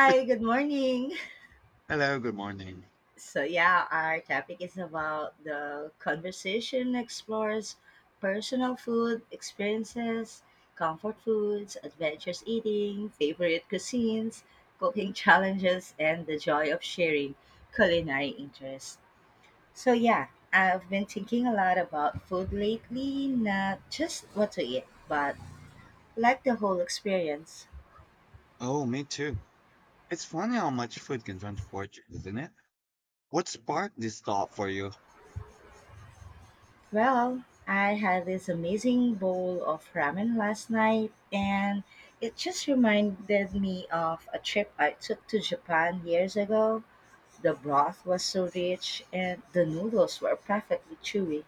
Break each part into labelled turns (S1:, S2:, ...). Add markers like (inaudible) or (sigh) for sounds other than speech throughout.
S1: Hi,
S2: (laughs)
S1: good morning.
S2: Hello, good morning.
S1: So, yeah, our topic is about the conversation explores personal food experiences, comfort foods, adventurous eating, favorite cuisines, cooking (laughs) challenges, and the joy of sharing culinary interests. So, yeah, I've been thinking a lot about food lately, not just what to eat, but like the whole experience.
S2: Oh, me too. It's funny how much food can transport you, isn't it? What sparked this thought for you?
S1: Well, I had this amazing bowl of ramen last night, and it just reminded me of a trip I took to Japan years ago. The broth was so rich, and the noodles were perfectly chewy.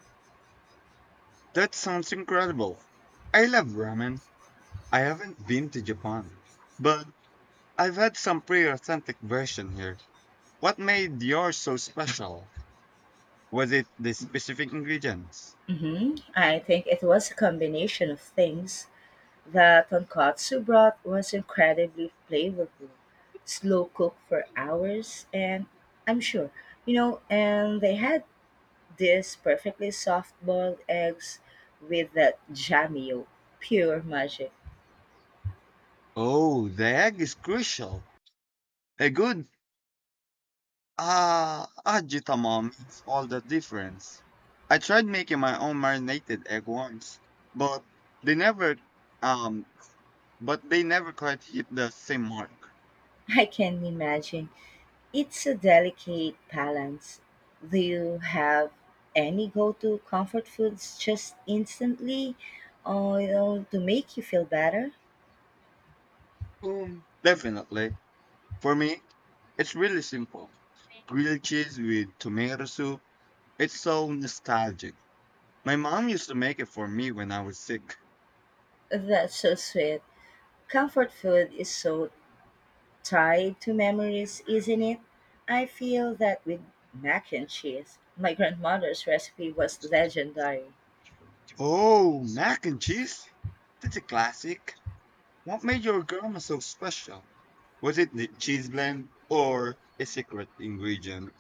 S2: That sounds incredible. I love ramen. I haven't been to Japan, but I've had some pretty authentic version here. What made yours so special? Was it the specific ingredients?
S1: I think it was a combination of things. The tonkatsu broth was incredibly flavorful, slow cooked for hours, and I'm sure, and they had these perfectly soft boiled eggs with that jammy yolk. Pure magic.
S2: Oh, the egg is crucial. A good Ah, Ajitama makes all the difference. I tried making my own marinated egg once, but they never um but they never quite hit the same mark.
S1: I can imagine. It's a delicate balance. Do you have any go to comfort foods just instantly or to make you feel better?
S2: Definitely. For me, it's really simple. Grilled cheese with tomato soup. It's so nostalgic. My mom used to make it for me when I was sick.
S1: That's so sweet. Comfort food is so tied to memories, isn't it? I feel that with mac and cheese. My grandmother's recipe was legendary.
S2: Oh, mac and cheese? That's a classic. What made your grandma so special? Was it the cheese blend or a secret ingredient?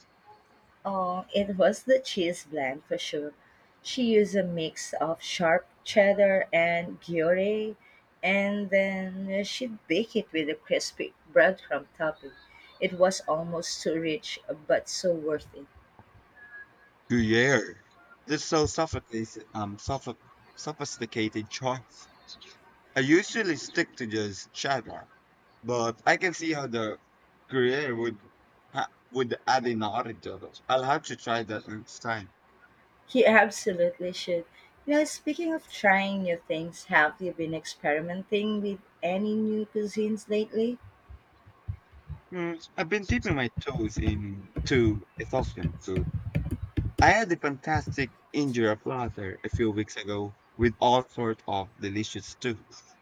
S1: Oh, it was the cheese blend for sure. She used a mix of sharp cheddar and Gruyere, and then she baked it with a crispy breadcrumb topping. It was almost too rich, but so worth it.
S2: Gruyere. This so sophisticated, sophisticated choice. I usually stick to just cheddar, but I can see how the Gruyere would would add an orange to it. I'll have to try that next time.
S1: He (laughs) absolutely should. You know, speaking of trying new things, have you been experimenting with any new cuisines lately?
S2: Hmm, I've been dipping my toes into Ethiopian food. I had a fantastic injera platter a few weeks ago with all sorts of delicious stews.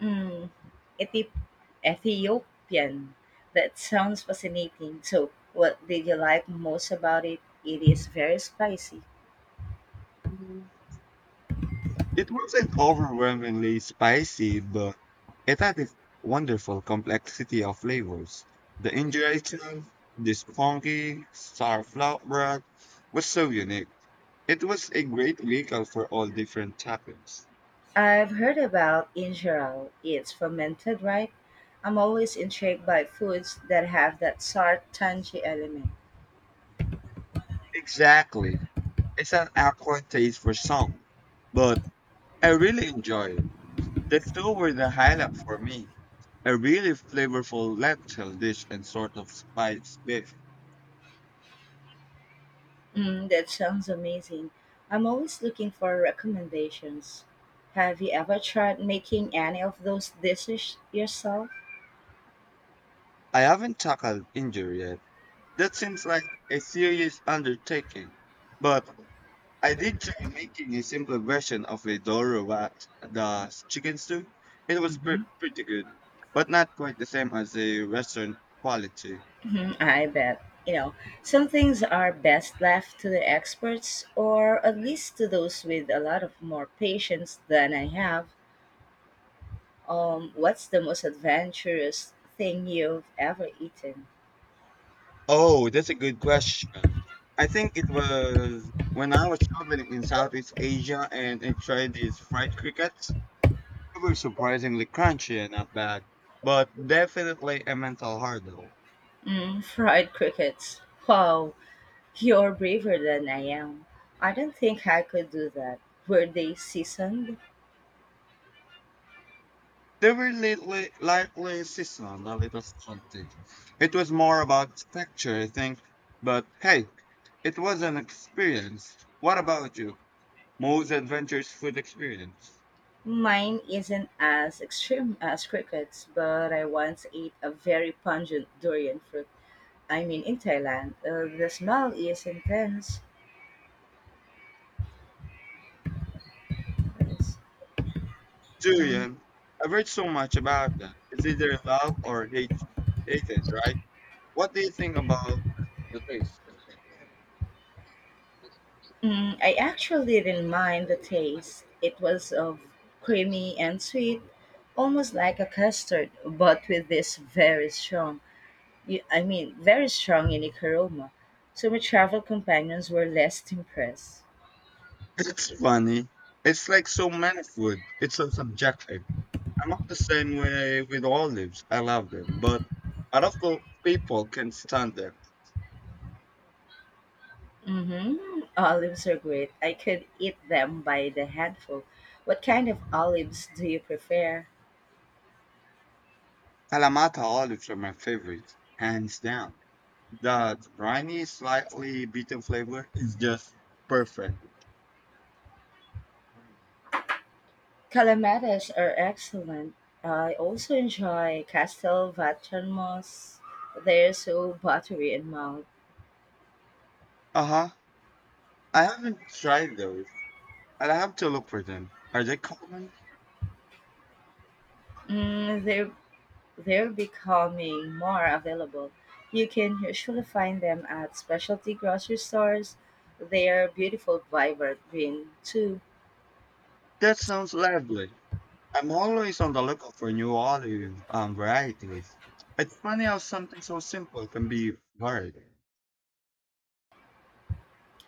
S1: Mm, Ethip- Ethiopian. That sounds fascinating. So, what did you like most about it? It is very spicy.
S2: Mhm. It wasn't overwhelmingly spicy, but it had this wonderful complexity of flavors. The injera itself, the spongy sourflower bread, was so unique. It was a great vehicle for all different toppings.
S1: I've heard about injera. It's fermented, right? I'm always intrigued by foods that have that tart, tangy element.
S2: Exactly. It's an acquired taste for some, but I really enjoy it. The two were the highlight for me. A really flavorful lentil dish and sort of spice beef.
S1: Mm, that sounds amazing. I'm always looking for recommendations. Have you ever tried making any of those dishes yourself?
S2: I haven't tackled injury yet. That seems like a serious undertaking. But I did try making a simple version of a Doro wat, the chicken stew. It was pretty good, but not quite the same as a Western quality.
S1: Mhm, I bet. You know, some things are best left to the experts or at least to those with a lot of more patience than I have. What's the most adventurous thing you've ever eaten?
S2: Oh, that's a good question. I think it was when I was traveling in Southeast Asia and I tried these fried crickets. They were surprisingly crunchy and not bad, but definitely a mental hurdle.
S1: Mm, fried crickets. Wow, you're braver than I am. I don't think I could do that. Were they seasoned?
S2: They were lightly seasonal, a little salty. It was more about texture, I think. But hey, it was an experience. What about you? Most adventurous food experience?
S1: Mine isn't as extreme as crickets, but I once ate a very pungent durian fruit. I mean, in Thailand, the smell is intense. Yes. Mm.
S2: Julian, I've read so much about that. It's either love or hate, hated, right? What do you think about the taste?
S1: Mm, I actually didn't mind the taste. It was of creamy and sweet, almost like a custard, but with this very strong, I mean, very strong unique aroma. So my travel companions were less impressed.
S2: It's funny. It's like so many food. It's so subjective. I'm not the same way with olives. I love them, but a lot of people can stand them.
S1: Mm-hmm. Olives are great. I could eat them by the handful. What kind of olives do you prefer?
S2: Kalamata olives are my favorite, hands down. That briny, slightly bitter flavor is just perfect.
S1: Calamatas are excellent. I also enjoy Castel Vatermos. They're so buttery and mild.
S2: Uh huh. I haven't tried those. I'll have to look for them. Are they common?
S1: Mm, they're becoming more available. You can usually find them at specialty grocery stores. They're beautiful, vibrant green, too.
S2: That sounds lovely. I'm always on the lookout for new olive varieties. It's funny how something so simple can be hard.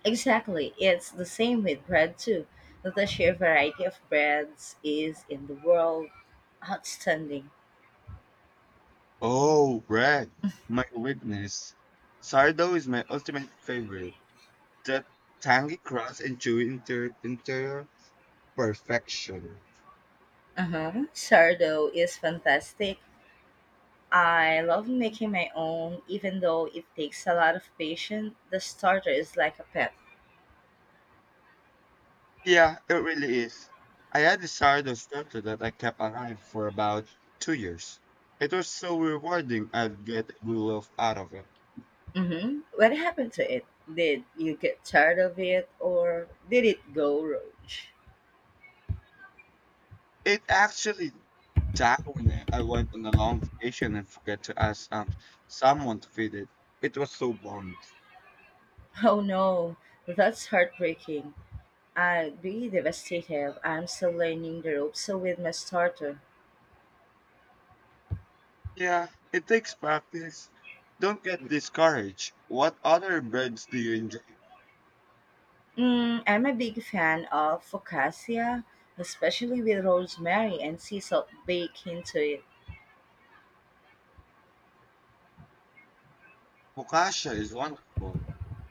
S1: Exactly. It's the same with bread, too. The sheer variety of breads is in the world outstanding.
S2: Oh, bread. My weakness. Sourdough is my ultimate favorite. That tangy crust and chewy interior. Perfection.
S1: Uh-huh. Sardo is fantastic. I love making my own, even though it takes a lot of patience. The starter is like a pet.
S2: Yeah, it really is. I had this Sardo starter that I kept alive for about 2 years. It was so rewarding I'd get a love out of it.
S1: What happened to it? Did you get tired of it or did it go rogue?
S2: It actually died when I went on a long vacation and forgot to ask someone to feed it. It was so warm.
S1: Oh no, that's heartbreaking. I'd be devastated. I'm still learning the ropes with my starter.
S2: Yeah, it takes practice. Don't get discouraged. What other breads do you enjoy?
S1: Mm, I'm a big fan of focaccia, especially with rosemary and sea salt baked into it.
S2: Focaccia is wonderful.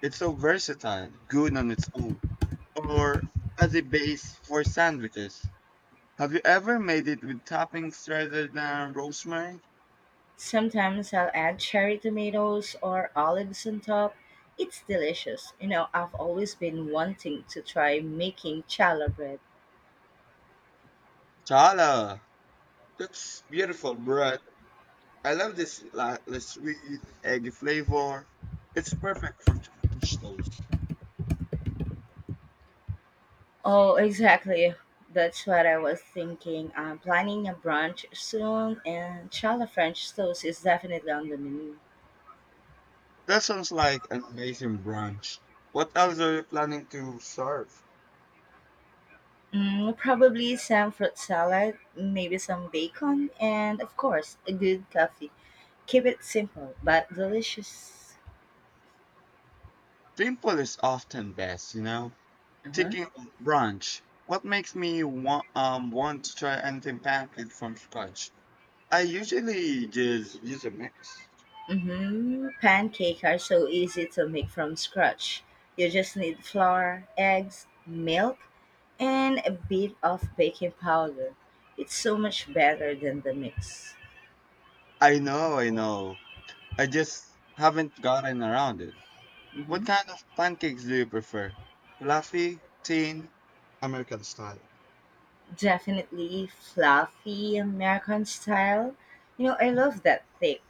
S2: It's so versatile, good on its own or as a base for sandwiches. Have you ever made it with toppings rather than rosemary?
S1: Sometimes I'll add cherry tomatoes or olives on top. It's delicious. You know, I've always been wanting to try making challah bread.
S2: Chala, that's beautiful bread. I love this lightly sweet eggy flavor. It's perfect for Turkish toast.
S1: Oh, exactly. That's what I was thinking. I'm planning a brunch soon, and challah French toast is definitely on the menu.
S2: That sounds like an amazing brunch. What else are you planning to serve?
S1: Mm, probably some fruit salad, maybe some bacon, and of course, a good coffee. Keep it simple but delicious.
S2: Simple is often best, you know.
S1: Uh-huh.
S2: Thinking of brunch, what makes me want to try anything pancake from scratch? I usually just use a mix.
S1: Pancake are so easy to make from scratch. You just need flour, eggs, milk, and a bit of baking powder. It's so much better than the mix.
S2: I know. I just haven't gotten around it.
S1: hmm
S2: What kind of pancakes do you prefer? Fluffy, thin? American style.
S1: Definitely fluffy American style. You know, I love that thick,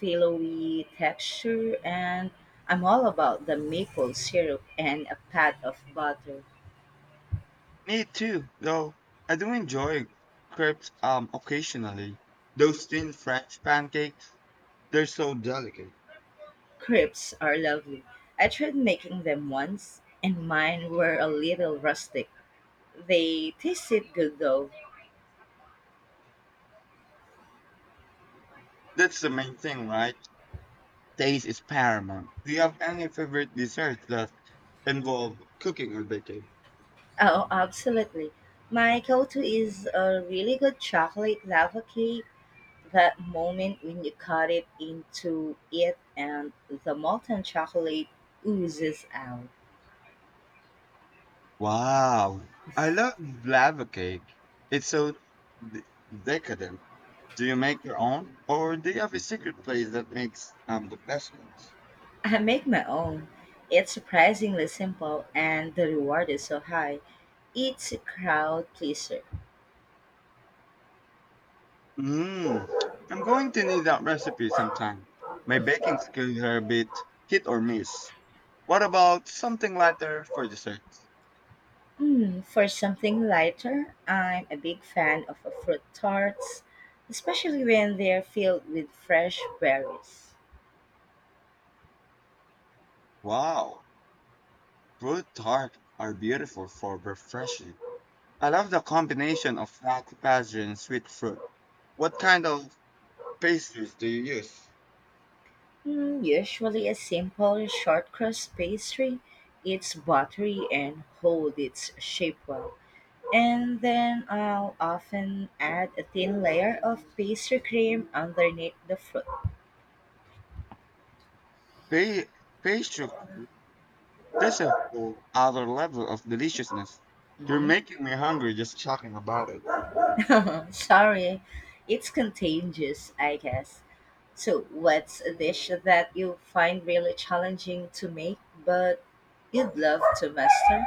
S1: pillowy texture, and I'm all about the maple syrup and a pat of butter.
S2: Me too, though. I do enjoy crepes occasionally. Those thin French pancakes, they're so delicate.
S1: Crepes are lovely. I tried making them once, and mine were a little rustic. They tasted good though.
S2: That's the main thing, right? Taste is paramount. Do you have any favorite desserts that involve cooking or baking?
S1: Oh, absolutely. My go to is a really good chocolate lava cake. That moment when you cut it into it and the molten chocolate oozes out.
S2: Wow. I love lava cake. It's so d- decadent. Do you make your own or do you have a secret place that makes the best ones?
S1: I make my own. It's surprisingly simple and the reward is so high. It's a crowd pleaser.
S2: Mmm. I'm going to need that recipe sometime. My baking skills are a bit hit or miss. What about something lighter for dessert?
S1: Hmm, for something lighter, I'm a big fan of fruit tarts, especially when they're filled with fresh berries.
S2: Wow. Fruit tart are beautiful for refreshing. I love the combination of fat, pastry, and sweet fruit. What kind of pastries do you use?
S1: Hmm, usually a simple short crust pastry, it's buttery and hold its shape well. And then I'll often add a thin layer of pastry cream underneath the fruit.
S2: Pay pastry that's a whole other level of deliciousness. You're
S1: Mhm.
S2: making me hungry just talking about it.
S1: (laughs) Sorry, it's contagious, I guess. So, what's a dish that you find really challenging to make but you'd love to master?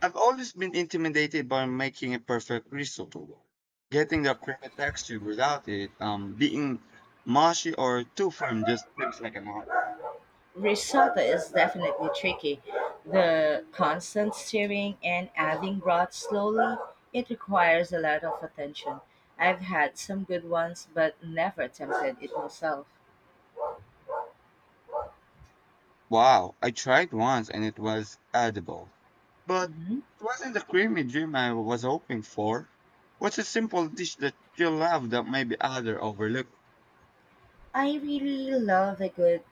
S2: I've always been intimidated by making a perfect risotto. Getting the perfect texture without it being mushy or too firm just seems like an art.
S1: Risotto is definitely tricky. The constant stirring and adding broth slowly, it requires a lot of attention. I've had some good ones but never attempted it myself.
S2: Wow, I tried once and it was edible. But
S1: Mhm.
S2: it wasn't the creamy dream I was hoping for. What's a simple dish that you love that maybe other overlook?
S1: I really love a good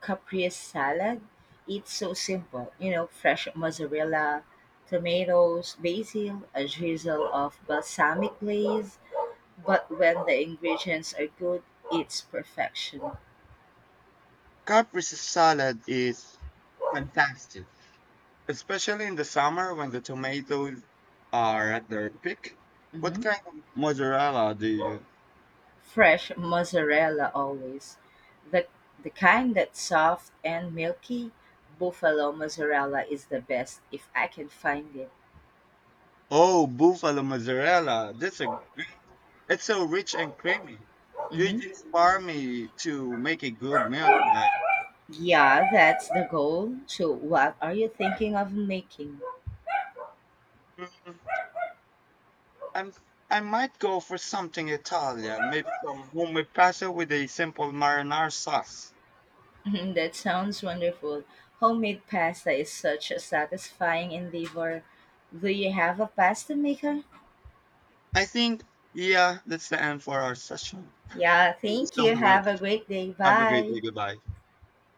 S1: caprese salad. It's so simple, you know, fresh mozzarella, tomatoes, basil, a drizzle of balsamic glaze. But when the ingredients are good, it's perfection.
S2: Caprese salad is fantastic, especially in the summer when the tomatoes are at their peak. What
S1: hmm
S2: kind of mozzarella do you use?
S1: Fresh mozzarella always. The, the kind that's soft and milky, buffalo mozzarella is the best if I can find it.
S2: Oh, buffalo mozzarella. That's a great. It's so rich and creamy. You
S1: hmm
S2: inspire me to make a good meal tonight.
S1: Yeah, that's the goal. So, what are you thinking of making?
S2: Mm, I'm, I might go for something Italian, maybe some homemade pasta with a simple marinara sauce.
S1: (laughs) That sounds wonderful. Homemade pasta is such a satisfying endeavor. Do you have a pasta maker?
S2: I think, yeah, that's the end for our session.
S1: Yeah,
S2: Thank you
S1: thank
S2: so
S1: you.
S2: much.
S1: Have a great day.
S2: Have a great
S1: Bye.
S2: day. Goodbye.